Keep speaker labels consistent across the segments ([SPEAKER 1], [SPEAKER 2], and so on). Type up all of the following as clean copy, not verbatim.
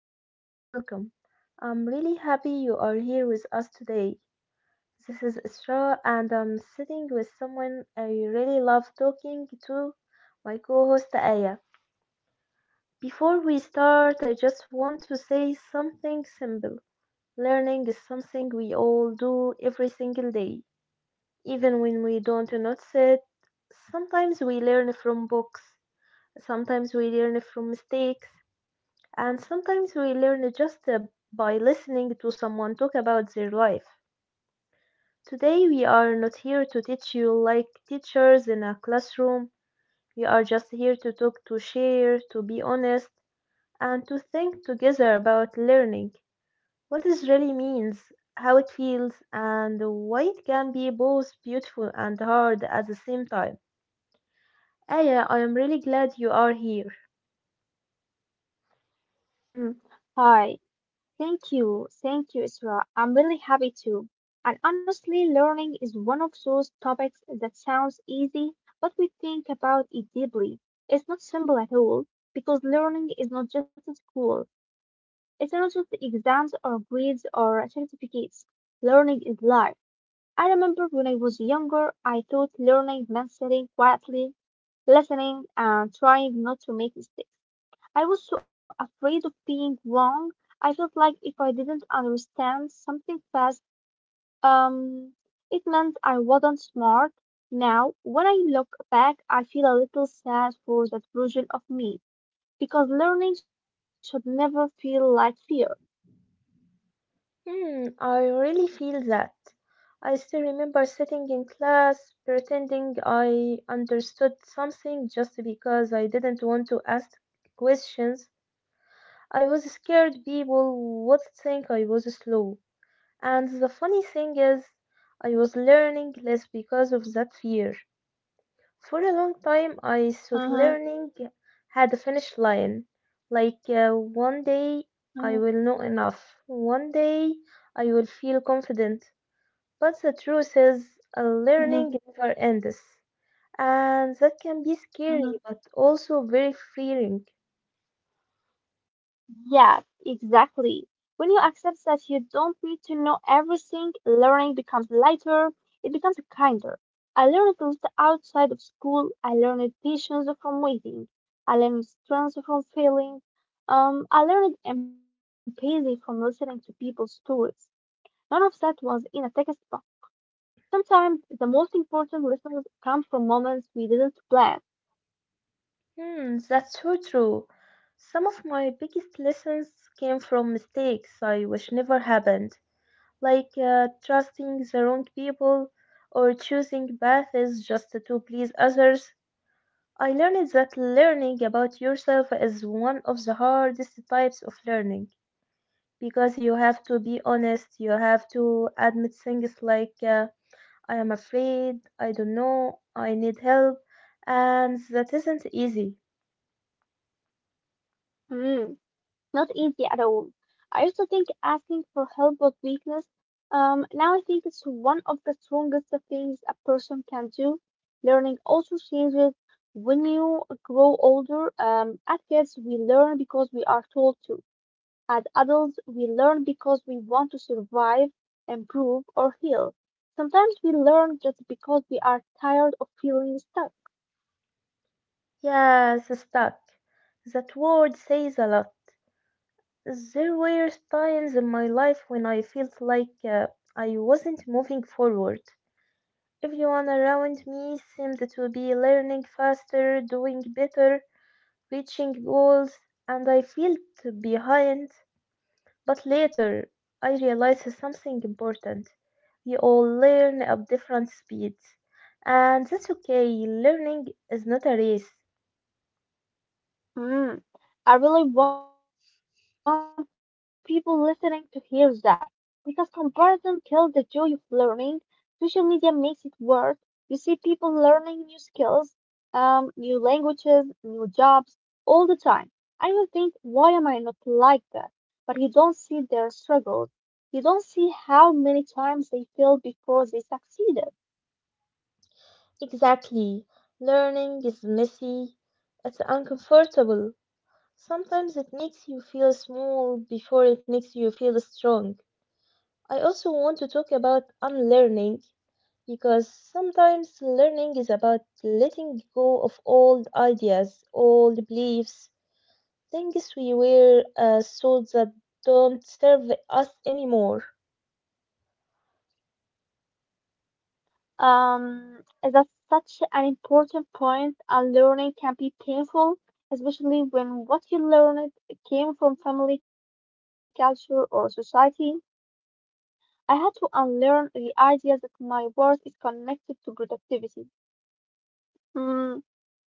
[SPEAKER 1] and welcome. I'm really happy you are here with us today. This is Isra, and I'm sitting with someone I really love talking to, my co host Aya. Before we start, I just want to say something simple. Learning is something we all do every single day, even when we don't notice it. Sometimes we learn from books, sometimes we learn from mistakes. And sometimes we learn just by listening to someone talk about their life. Today, we are not here to teach you like teachers in a classroom. We are just here to talk, to share, to be honest, and to think together about learning. What it really means, how it feels, and why it can be both beautiful and hard at the same time. Aya, I am really glad you are here.
[SPEAKER 2] Mm, hi, thank you, Isra. I'm really happy too. And honestly, learning is one of those topics that sounds easy, but we think about it deeply. It's not simple at all, because learning is not just at school. It's not just exams or grades or certificates. Learning is life. I remember when I was younger, I thought learning meant sitting quietly, listening, and trying not to make mistakes. I was so afraid of being wrong. I felt like if I didn't understand something fast, um, it meant I wasn't smart. Now, when I look back, I feel a little sad for that version of me because learning should never feel like fear.
[SPEAKER 1] Hmm, I really feel that. I still remember sitting in class pretending I understood something just because I didn't want to ask questions. I was scared people would think I was slow. And the funny thing is, I was learning less because of that fear. For a long time, I
[SPEAKER 2] Uh-huh,
[SPEAKER 1] thought learning had a finish line. Like, one day
[SPEAKER 2] uh-huh,
[SPEAKER 1] I will know enough. One day I will feel confident. But the truth is,
[SPEAKER 2] uh-huh,
[SPEAKER 1] learning never ends. And that can be
[SPEAKER 2] uh-huh.
[SPEAKER 1] scary, but also very freeing.
[SPEAKER 2] Yes, exactly. When you accept that you don't need to know everything, learning becomes lighter, it becomes kinder. I learned to look outside of school, I learned patience from waiting, I learned strength from failing, I learned empathy from listening to people's stories. None of that was in a textbook. Sometimes the most important lessons come from moments we didn't plan.
[SPEAKER 1] Hmm, that's so true. Some of my biggest lessons came from mistakes I wish never happened, like trusting the wrong people or choosing paths just to please others. I learned that learning about yourself is one of the hardest types of learning, because you have to be honest. You have to admit things like I am afraid, I don't know, I need help, and that isn't easy.
[SPEAKER 2] Not easy at all. I used to think asking for help was weakness. Now I think it's one of the strongest things a person can do. Learning also changes when you grow older. As kids, we learn because we are told to. As adults, we learn because we want to survive, improve, or heal. Sometimes we learn just because we are tired of feeling stuck.
[SPEAKER 1] Yes, stuck, that word says a lot. There were times in my life when I felt like I wasn't moving forward. Everyone around me seemed to be learning faster, doing better, reaching goals, and I felt behind. But later, I realized something important. We all learn at different speeds, and that's okay. Learning is not a race.
[SPEAKER 2] Mm, I really want people listening to hear that because comparison kills the joy of learning. Social media makes it worse. You see people learning new skills, new languages, new jobs all the time. And you think, why am I not like that? But you don't see their struggles. You don't see how many times they failed before they succeeded.
[SPEAKER 1] Exactly. Learning is messy, it's uncomfortable. Sometimes it makes you feel small before it makes you feel strong. I also want to talk about unlearning, because sometimes learning is about letting go of old ideas, old beliefs, things we wear so that don't serve us anymore.
[SPEAKER 2] That's such an important point. Unlearning can be painful, especially when what you learned came from family culture or society. I had to unlearn the idea that my worth is connected to productivity, mm,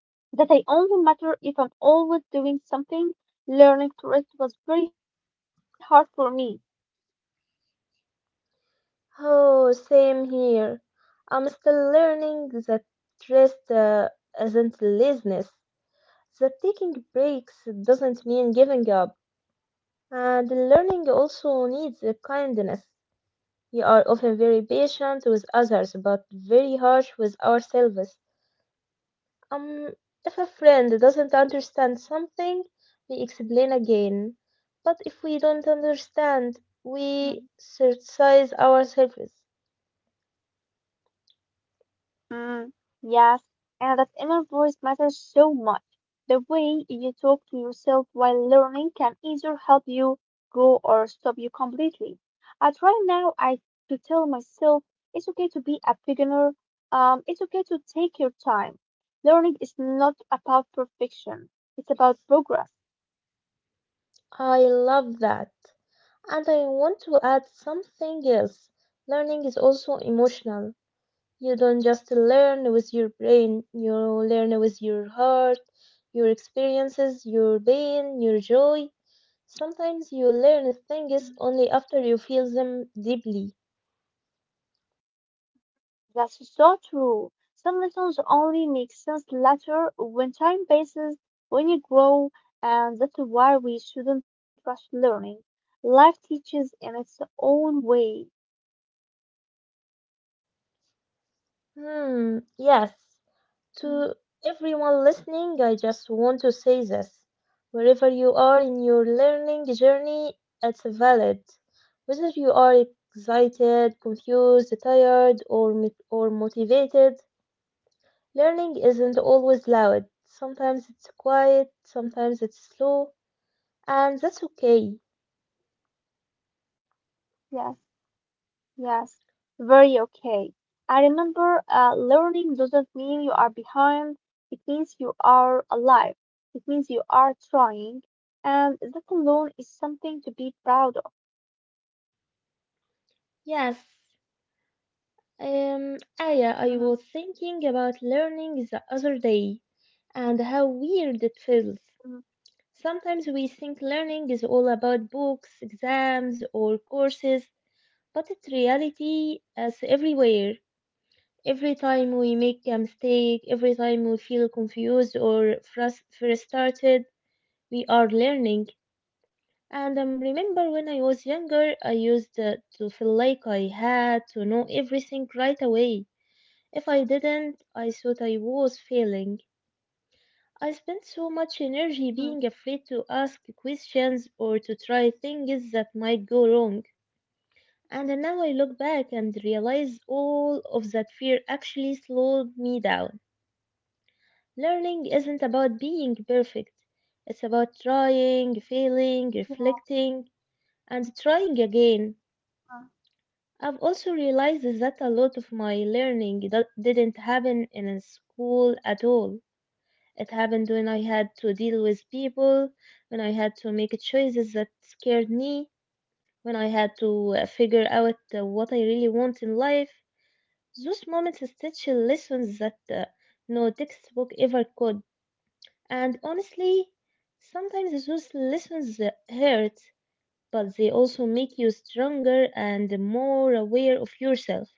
[SPEAKER 2] that I only matter if I'm always doing something. Learning to rest was very hard for me.
[SPEAKER 1] Oh, same here. I'm still learning that rest isn't laziness, that taking breaks doesn't mean giving up, and learning also needs a kindness. We are often very patient with others, but very harsh with ourselves. Um, if a friend doesn't understand something, we explain again. But if we don't understand,
[SPEAKER 2] Hmm.
[SPEAKER 1] we criticize ourselves.
[SPEAKER 2] Mm, yes, and that inner voice matters so much. The way you talk to yourself while learning can either help you grow or stop you completely. I try now I to tell myself it's okay to be a beginner. It's okay to take your time. Learning is not about perfection. It's about progress.
[SPEAKER 1] I love that. And I want to add something else. Learning is also emotional. You don't just learn with your brain, you learn with your heart, your experiences, your pain, your joy. Sometimes you learn things only after you feel them deeply.
[SPEAKER 2] That's so true. Some lessons only make sense later when time passes, when you grow, and that's why we shouldn't rush learning. Life teaches in its own way.
[SPEAKER 1] Hmm, yes. To
[SPEAKER 2] Mm,
[SPEAKER 1] everyone listening, I just want to say this. Wherever you are in your learning journey, it's valid. Whether you are excited, confused, tired, or motivated, learning isn't always loud. Sometimes it's quiet, sometimes it's slow, and that's okay.
[SPEAKER 2] yes, yes, very okay. I remember learning doesn't mean you are behind, it means you are alive, it means you are trying, and that alone is something to be proud of.
[SPEAKER 1] Yes. Aya, I
[SPEAKER 2] Mhm,
[SPEAKER 1] was thinking about learning the other day and how weird it
[SPEAKER 2] mhm,
[SPEAKER 1] feels. Sometimes we think learning is all about books, exams, or courses, but in reality as everywhere. Every time we make a mistake, every time we feel confused or frustrated, we are learning. And I remember when I was younger, I used to feel like I had to know everything right away. If I didn't, I thought I was failing. I spend so much
[SPEAKER 2] mhm.
[SPEAKER 1] energy being afraid to ask questions or to try things that might go wrong. And now I look back and realize all of that fear actually slowed me down. Learning isn't about being perfect, it's about trying,
[SPEAKER 2] Yeah.
[SPEAKER 1] failing, reflecting, and trying
[SPEAKER 2] Uh-huh.
[SPEAKER 1] again. I've also realized that a lot of my learning didn't happen in a school at all. It happened when I had to deal with people, when I had to make choices that scared me, when I had to figure out what I really want in life. Those moments teach you lessons that no textbook ever could. And honestly, sometimes those lessons hurt, but they also make you stronger and more aware of yourself.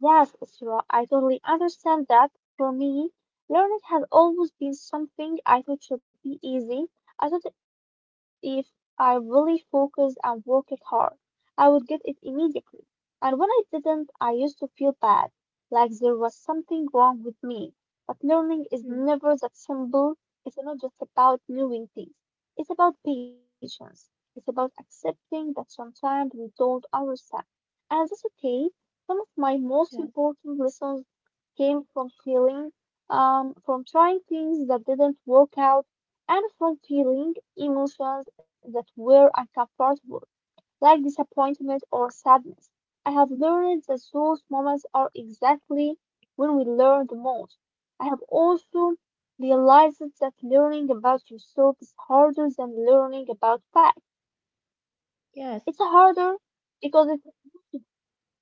[SPEAKER 2] Yes, Isra, I totally understand that. For me, learning has always been something I thought should be easy. I thought if I really focused and worked hard, I would get it immediately. And when I didn't, I used to feel bad, like there was something wrong with me. But learning is
[SPEAKER 1] Hmm,
[SPEAKER 2] never that simple. It's not just about knowing things. It's about patience. It's about accepting that sometimes we don't understand. And that's okay. Some of my most
[SPEAKER 1] yes,
[SPEAKER 2] important lessons came from feeling, from trying things that didn't work out, and from feeling emotions that were uncomfortable, like disappointment or sadness. I have learned that those moments are exactly when we learn the most. I have also realized that learning about yourself is harder than learning about facts.
[SPEAKER 1] yes.
[SPEAKER 2] It's harder because it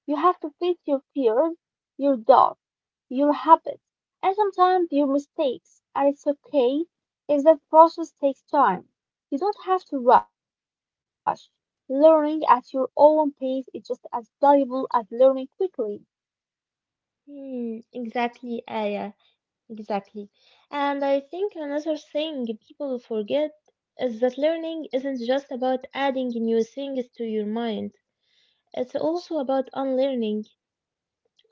[SPEAKER 2] you have to face your fears, your doubts, your habits, and sometimes your mistakes, and it's okay if that process takes time. You don't have to rush. Learning at your own pace is just as valuable as learning quickly.
[SPEAKER 1] Hmm, exactly, Aya. Exactly. And I think another thing people forget is that learning isn't just about adding new things to your mind. It's also about unlearning,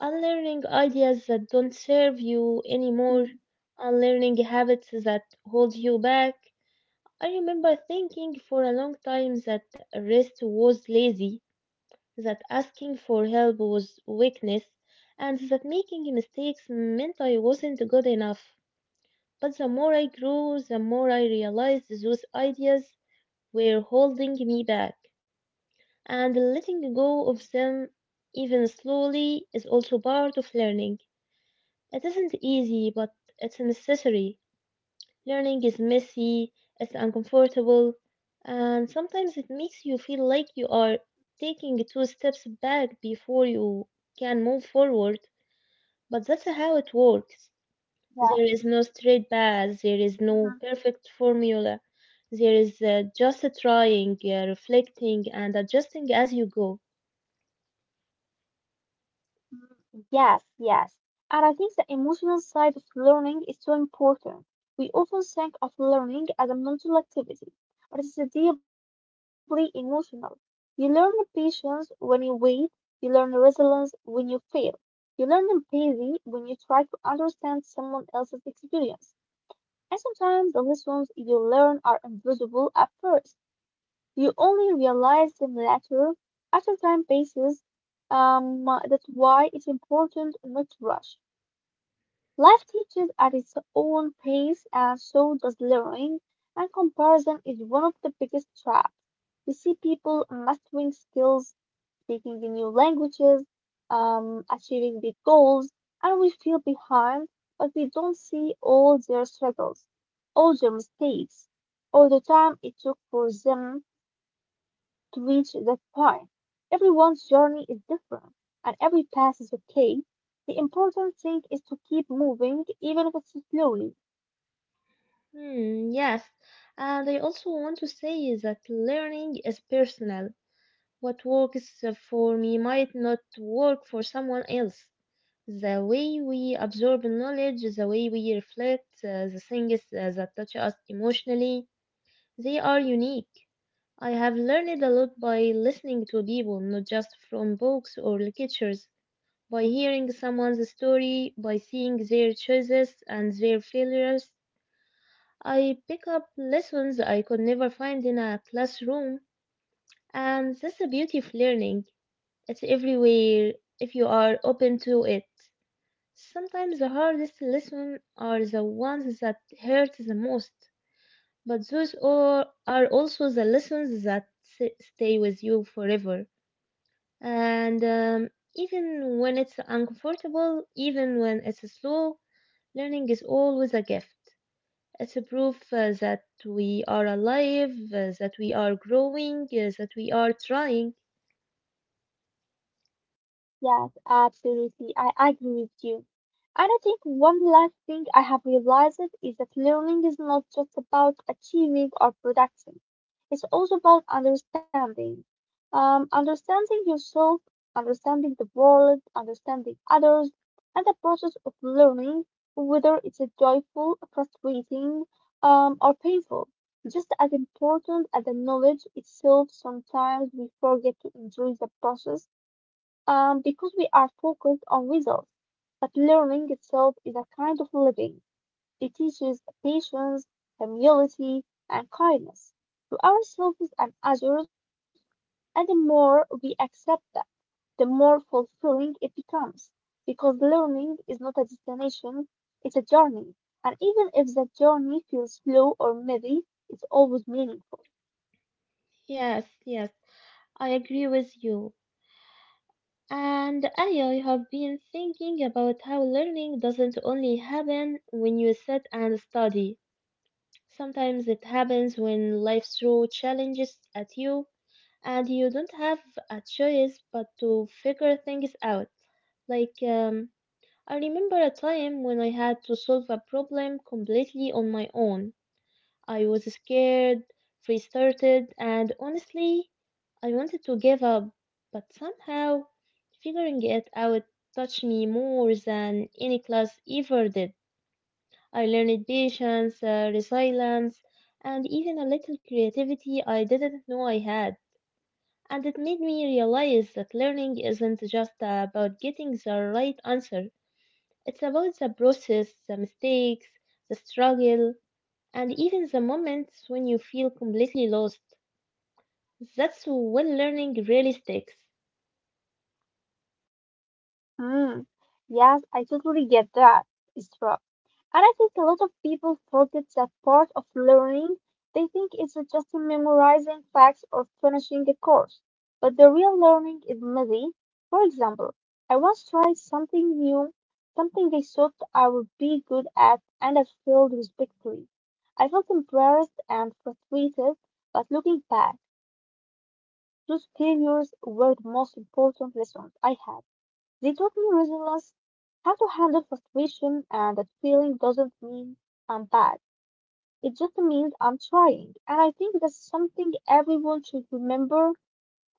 [SPEAKER 1] unlearning ideas that don't serve you
[SPEAKER 2] Mm,
[SPEAKER 1] anymore, unlearning habits that hold you back. I remember thinking for a long time that rest was lazy, that asking for help was weakness, and that making mistakes meant I wasn't good enough. But the more I grew, the more I realized those ideas were holding me back, and letting go of them, even slowly, is also part of learning. It isn't easy, but it's necessary. Learning is messy, it's uncomfortable, and sometimes it makes you feel like you are taking two steps back before you can move forward, but that's how it works.
[SPEAKER 2] yeah.
[SPEAKER 1] There is no straight path, there is
[SPEAKER 2] Mhm.
[SPEAKER 1] no perfect formula. There is just trying, reflecting, and adjusting as you go.
[SPEAKER 2] Mm, yes, yes. And I think the emotional side of learning is so important. We often think of learning as a mental activity, but it's deeply emotional. You learn patience when you wait, you learn resilience when you fail, you learn empathy when you try to understand someone else's experience. And sometimes the lessons you learn are invisible at first. You only realize them later, after time passes. That's why it's important not to rush. Life teaches at its own pace, and so does learning. And comparison is one of the biggest traps. We see people mastering skills speaking the new languages, achieving big goals, and we feel behind, but we don't see all their struggles, all their mistakes, all the time it took for them to reach that point. Everyone's journey is different, and every path is okay. The important thing is to keep moving, even if it's slowly.
[SPEAKER 1] Hmm, yes. And I also want to say is that learning is personal. What works for me might not work for someone else. The way we absorb knowledge, the way we reflect, the things that touch us emotionally, they are unique. I have learned a lot by listening to people, not just from books or lectures, by hearing someone's story, by seeing their choices and their failures. I pick up lessons I could never find in a classroom, and that's the beauty of learning. It's everywhere if you are open to it. Sometimes the hardest lessons are the ones that hurt the most, but those are also the lessons that stay with you forever. And even when it's uncomfortable, even when it's slow, learning is always a gift. It's a proof that we are alive, that we are growing, that we are trying.
[SPEAKER 2] Yes, absolutely. I agree with you. And I think one last thing I have realized is that learning is not just about achieving or production. It's also about understanding. Understanding yourself, understanding the world, understanding others, and the process of learning, whether it's a joyful, frustrating, or painful. Just as important as the knowledge itself, sometimes we forget to enjoy the process because we are focused on results. But learning itself is a kind of living. It teaches patience, humility, and kindness to ourselves and others, and the more we accept that, the more fulfilling it becomes. Because learning is not a destination, it's a journey. And even if that journey feels slow or heavy, it's always meaningful.
[SPEAKER 1] Yes, yes, I agree with you. And I have been thinking about how learning doesn't only happen when you sit and study. Sometimes it happens when life throws challenges at you and you don't have a choice but to figure things out. Like, I remember a time when I had to solve a problem completely on my own. I was scared, frustrated, and honestly, I wanted to give up, but somehow figuring it out touched me more than any class ever did. I learned patience, resilience, and even a little creativity I didn't know I had. And it made me realize that learning isn't just about getting the right answer, it's about the process, the mistakes, the struggle, and even the moments when you feel completely lost. That's when learning really sticks.
[SPEAKER 2] Hmm. Yes, I totally get that, Isra. And I think a lot of people forget that part of learning. They think it's just memorizing facts or finishing a course. But the real learning is messy. For example, I once tried something new, something I thought I would be good at, and I failed respectfully. I felt embarrassed and frustrated, but looking back, those failures were the most important lessons I had. They taught me resilience, how to handle frustration, and that feeling doesn't mean I'm bad. It just means I'm trying. And I think that's something everyone should remember.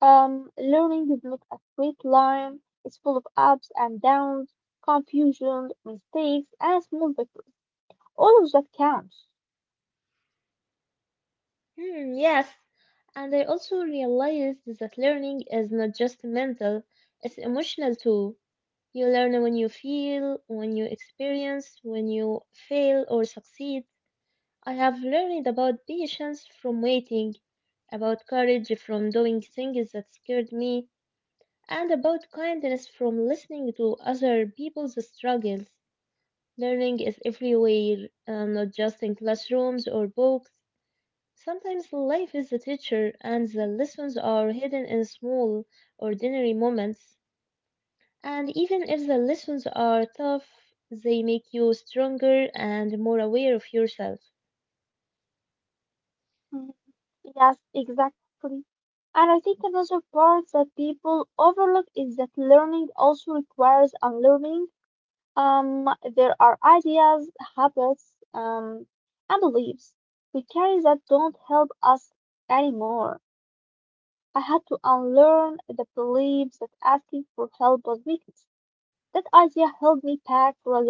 [SPEAKER 2] Learning is not a straight line, it's full of ups and downs, confusion, mistakes, and small victories. All of that counts.
[SPEAKER 1] Hmm, yes, and I also realized that learning is not just mental, it's emotional too. You learn when you feel, when you experience, when you fail or succeed. I have learned about patience from waiting, about courage from doing things that scared me, and about kindness from listening to other people's struggles. Learning is everywhere, not just in classrooms or books. Sometimes life is the teacher, and the lessons are hidden in small, ordinary moments. And even if the lessons are tough, they make you stronger and more aware of yourself.
[SPEAKER 2] Mhm. Yes, exactly. And I think another part that people overlook is that learning also requires unlearning. Um, there are ideas, habits, um, and beliefs we carry that don't help us anymore. I had to unlearn the beliefs that asking for help was weakness. That idea held me back for a long time.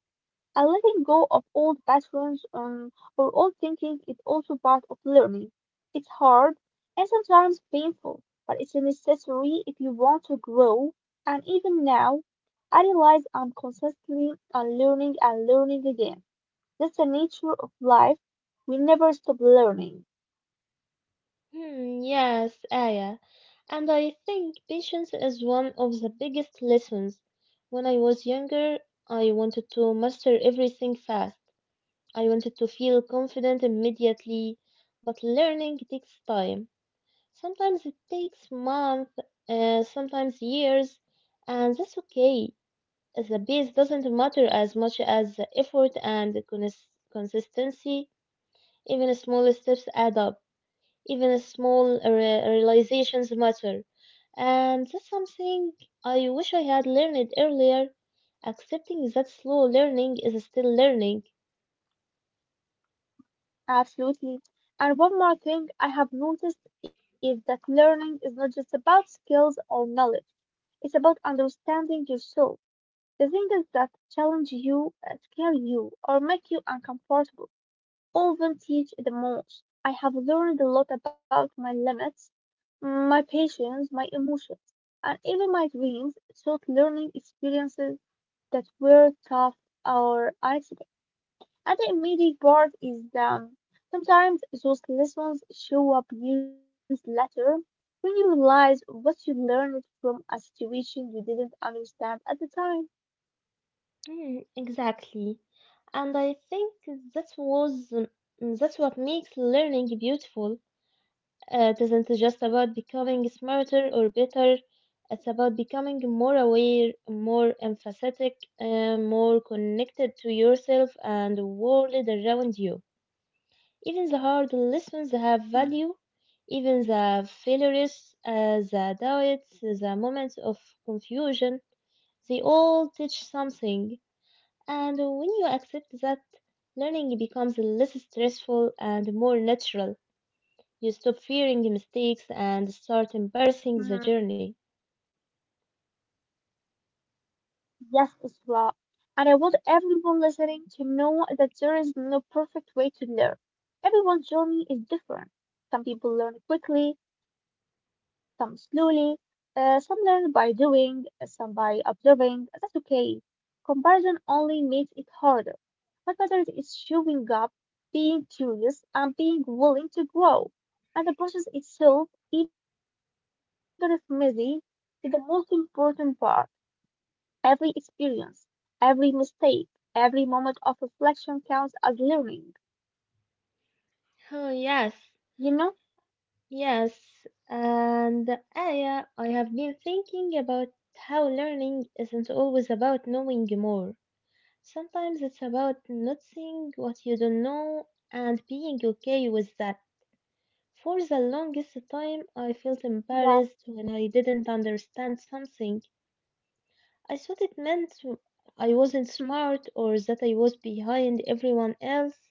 [SPEAKER 2] And letting go of old patterns or old thinking is also part of learning. It's hard and sometimes painful, but it's necessary if you want to grow. And even now, I realize I'm constantly unlearning and learning again. That's the nature of life. We never stop learning.
[SPEAKER 1] Hmm, yes, Aya. And I think patience is one of the biggest lessons. When I was younger, I wanted to master everything fast. I wanted to feel confident immediately, but learning takes time. Sometimes it takes months, sometimes years, and that's okay. The pace doesn't matter as much as the effort and the consistency. Even small steps add up. Even small realizations matter. And that's something I wish I had learned earlier. Accepting that slow learning is still learning.
[SPEAKER 2] Absolutely. And one more thing I have noticed is that learning is not just about skills or knowledge. It's about understanding yourself. The things that challenge you, scare you, or make you uncomfortable often teach the most. I have learned a lot about my limits, my patience, my emotions, and even my dreams through learning experiences that were tough or unexpected. And the immediate part is that sometimes those lessons show up years later when you realize what you learned from a situation you didn't understand at the time.
[SPEAKER 1] Mm, exactly. And I think that was that's what makes learning beautiful. It isn't just about becoming smarter or better. It's about becoming more aware, more empathetic, more connected to yourself and the world around you. Even the hard lessons have value. Even the failures, the doubts, the moments of confusion, they all teach something. And when you accept that, learning becomes less stressful and more natural. You stop fearing mistakes and start embracing the
[SPEAKER 2] Mhm.
[SPEAKER 1] journey.
[SPEAKER 2] Yes, Isra. And I want everyone listening to know that there is no perfect way to learn. Everyone's journey is different. Some people learn quickly, some slowly, some learn by doing, some by observing. That's okay. Comparison only makes it harder. What matters is showing up, being curious, and being willing to grow. And the process itself, even if messy, is the most important part. Every experience, every mistake, every moment of reflection counts as learning,
[SPEAKER 1] Oh,
[SPEAKER 2] you
[SPEAKER 1] yes,
[SPEAKER 2] know?
[SPEAKER 1] yes. And Aya, I have been thinking about how learning isn't always about knowing more. Sometimes it's about not seeing what you don't know and being okay with that. For the longest time, I felt
[SPEAKER 2] Yes.
[SPEAKER 1] embarrassed when I didn't understand something. I thought it meant I wasn't
[SPEAKER 2] Mm,
[SPEAKER 1] smart or that I was behind everyone else.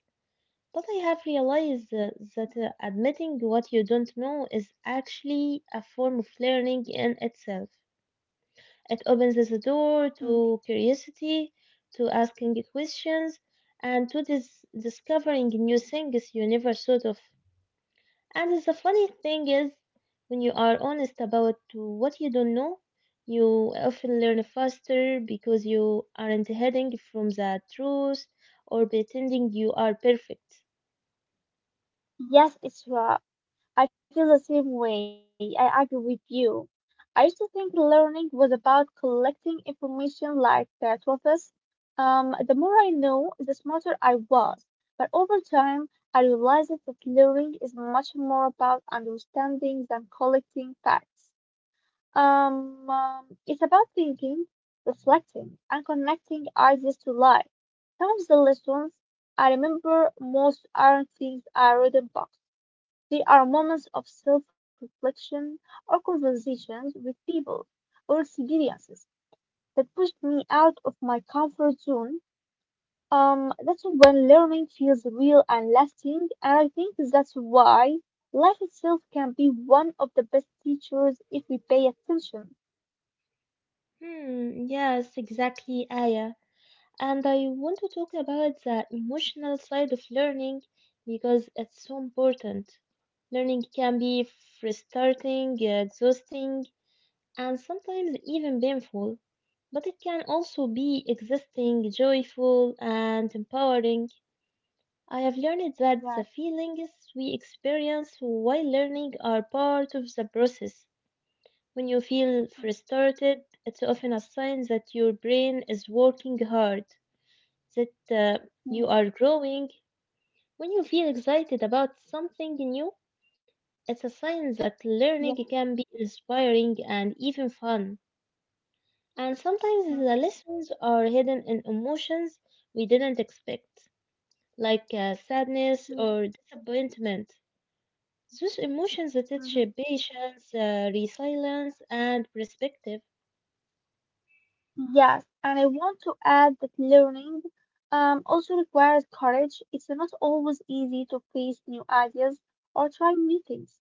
[SPEAKER 1] But I have realized that admitting what you don't know is actually a form of learning in itself. It opens the door to
[SPEAKER 2] mm.
[SPEAKER 1] curiosity, to asking questions, and to discovering new things you never thought of. And the funny thing is, when you are honest about what you don't know, you often learn faster because you aren't hiding from the truth or pretending you are perfect.
[SPEAKER 2] Yes, it's right. I feel the same way. I agree with you. I used to think learning was about collecting information like the trophies. The more I know, the smarter I was. But over time, I realized that learning is much more about understanding than collecting facts. It's about thinking, reflecting, and connecting ideas to life. Some of the lessons I remember most aren't things I read in books. They are moments of self-reflection or conversations with people or experiences that pushed me out of my comfort zone. That's when learning feels real and lasting, and I think that's why life itself can be one of the best teachers if we pay attention.
[SPEAKER 1] Hmm, yes, exactly, Aya. And I want to talk about the emotional side of learning because it's so important. Learning can be frustrating, exhausting, and sometimes even painful, but it can also be existing, joyful, and empowering. I have learned that the
[SPEAKER 2] Yes.
[SPEAKER 1] feelings we experience while learning are part of the process. When you feel frustrated, it's often a sign that your brain is working hard, that you
[SPEAKER 2] Mhm.
[SPEAKER 1] are growing. When you feel excited about something new, it's a sign that
[SPEAKER 2] Yeah.
[SPEAKER 1] learning can be inspiring and even fun. And sometimes
[SPEAKER 2] Mm,
[SPEAKER 1] the lessons are hidden in emotions we didn't expect, like sadness
[SPEAKER 2] yeah.
[SPEAKER 1] or disappointment. Those emotions teach
[SPEAKER 2] Mhm.
[SPEAKER 1] patience, resilience, and perspective.
[SPEAKER 2] Yes, and I want to add that learning also requires courage. It's not always easy to face new ideas or try new things.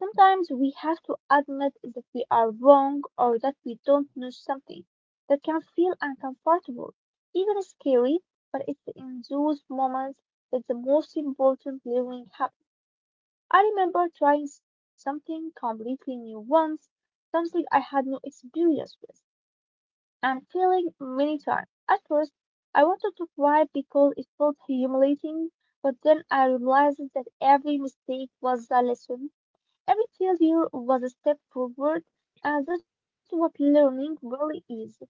[SPEAKER 2] Sometimes we have to admit that we are wrong or that we don't know something. That can feel uncomfortable, even scary, but it's in those moments that the most important learning happens. I remember trying something completely new once, something I had no experience with. I'm feeling many times. At first, I wanted to cry because it felt humiliating, but then I realized that every mistake was a lesson, every failure was a step forward, and that's what learning really is.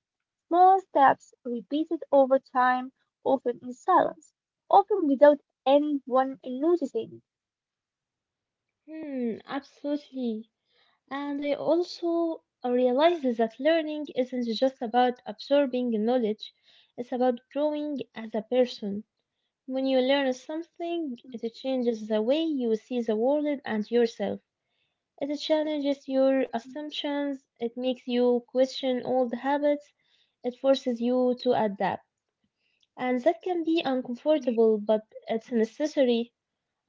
[SPEAKER 2] Small steps repeated over time, often in silence, often without anyone noticing.
[SPEAKER 1] Hmm, absolutely. And I also realized that learning isn't just about absorbing knowledge, it's about growing as a person. When you learn something, it changes the way you see the world and yourself. It challenges your assumptions, it makes you question old habits, it forces you to adapt. And that can be uncomfortable, but it's necessary.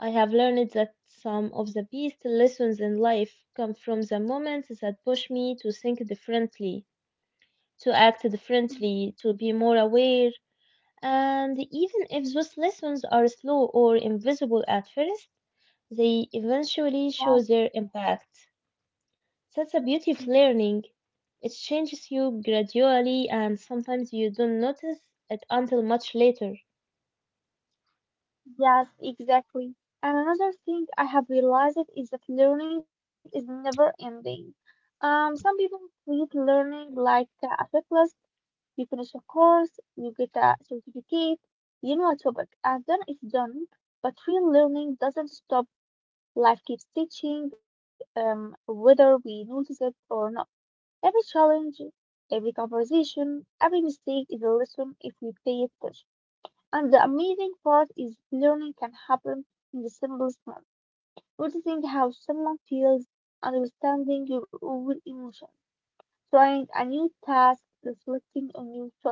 [SPEAKER 1] I have learned that some of the best lessons in life come from the moments that push me to think differently, to act differently, to be more aware. And even if those lessons are slow or invisible at first, they eventually show their impact. That's the beauty of learning. It changes you gradually, and sometimes you don't notice it until much later.
[SPEAKER 2] Yes, exactly. And another thing I have realized is that learning is never ending. Some people treat learning like a checklist. You finish a course, you get a certificate, you know a topic, and then it's done. But real learning doesn't stop. Life keeps teaching, whether we notice it or not. Every challenge, every conversation, every mistake is a lesson if we pay attention. And the amazing part is learning can happen in the simplest manner. Noticing how someone feels, understanding your own emotions, trying a new task, reflecting on your choices.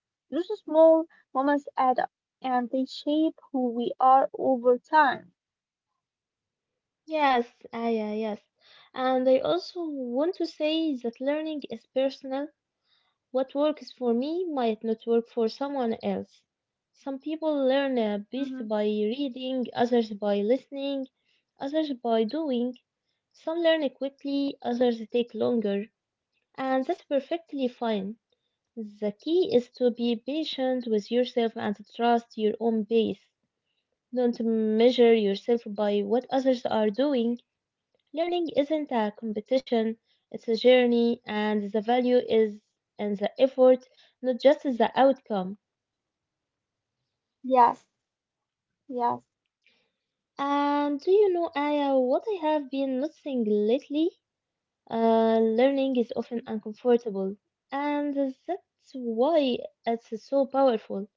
[SPEAKER 2] Those small moments add up and they shape who we are over time.
[SPEAKER 1] Yes, ah, yeah, yes. And I also want to say that learning is personal. What works for me might not work for someone else. Some people learn a best
[SPEAKER 2] Hmm.
[SPEAKER 1] by reading, others by listening, others by doing. Some learn quickly, others take longer, and that's perfectly fine. The key is to be patient with yourself and to trust your own pace. Don't measure yourself by what others are doing. Learning isn't a competition, it's a journey, and the value is in the effort, not just the outcome.
[SPEAKER 2] Yes, yes,
[SPEAKER 1] And do you know, Aya, what I have been noticing lately? Learning is often uncomfortable, and that's why it's so powerful.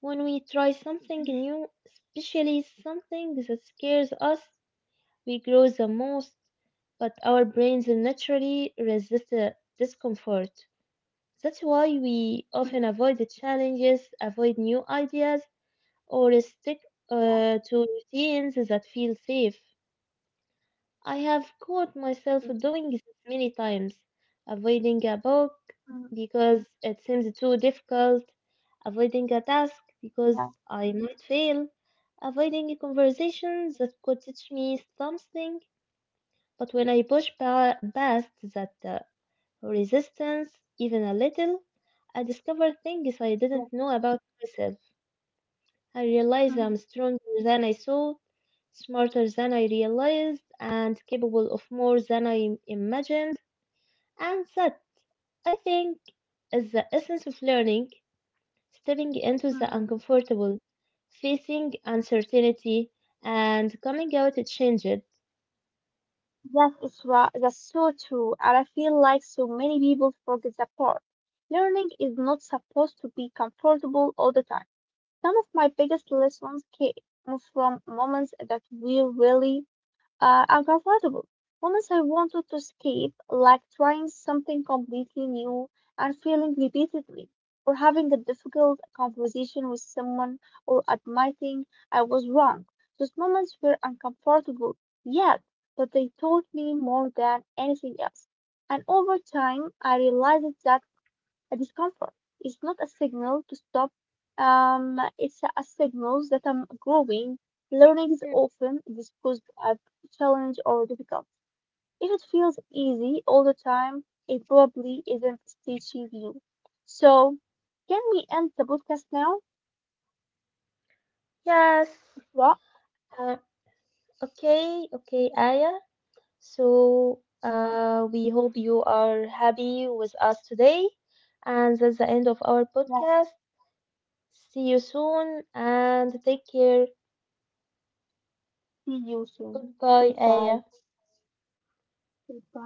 [SPEAKER 1] When we try something
[SPEAKER 2] mhm,
[SPEAKER 1] new, especially something that scares us, we grow the most, but our brains naturally resist discomfort. That's why we often
[SPEAKER 2] mhm,
[SPEAKER 1] avoid the challenges, avoid new ideas, or stick
[SPEAKER 2] yes,
[SPEAKER 1] to routines that feel safe. I have caught myself
[SPEAKER 2] mhm,
[SPEAKER 1] doing this many times, avoiding a book
[SPEAKER 2] mhm,
[SPEAKER 1] because it seems too difficult, avoiding a task
[SPEAKER 2] yes,
[SPEAKER 1] because I might fail, avoiding a
[SPEAKER 2] mhm,
[SPEAKER 1] conversation that could teach me something. But when I push past that resistance even a little, I discovered things I
[SPEAKER 2] yes.
[SPEAKER 1] didn't know about myself. I realized I'm
[SPEAKER 2] Mhm,
[SPEAKER 1] stronger than I thought, smarter than I realized, and capable of more than I imagined. And that, I think, is the essence of learning, stepping into the
[SPEAKER 2] mhm.
[SPEAKER 1] uncomfortable, facing uncertainty, and coming out changed.
[SPEAKER 2] Yes, it's right. That's so true. And I feel like so many people forget that part. Learning is not supposed to be comfortable all the time. Some of my biggest lessons came from moments that were really uncomfortable. Moments I wanted to escape, like trying something completely new and failing repeatedly, or having a difficult conversation with someone, or admitting I was wrong. Those moments were uncomfortable, yet, but they taught me more than anything else. And over time, I realized that a discomfort. It's not a signal to stop. It's a signal that I'm growing. Learning is often discussed as challenge or difficult. If it feels easy all the time, it probably isn't teaching you. So, can we end the podcast now?
[SPEAKER 1] Yes.
[SPEAKER 2] Well,
[SPEAKER 1] Uh, okay, okay, Aya. So, we hope you are happy with us today. And that's the end of our
[SPEAKER 2] yeah,
[SPEAKER 1] podcast. See you soon and take care.
[SPEAKER 2] see you soon.
[SPEAKER 1] Goodbye,
[SPEAKER 2] Goodbye.
[SPEAKER 1] Aya.
[SPEAKER 2] Goodbye.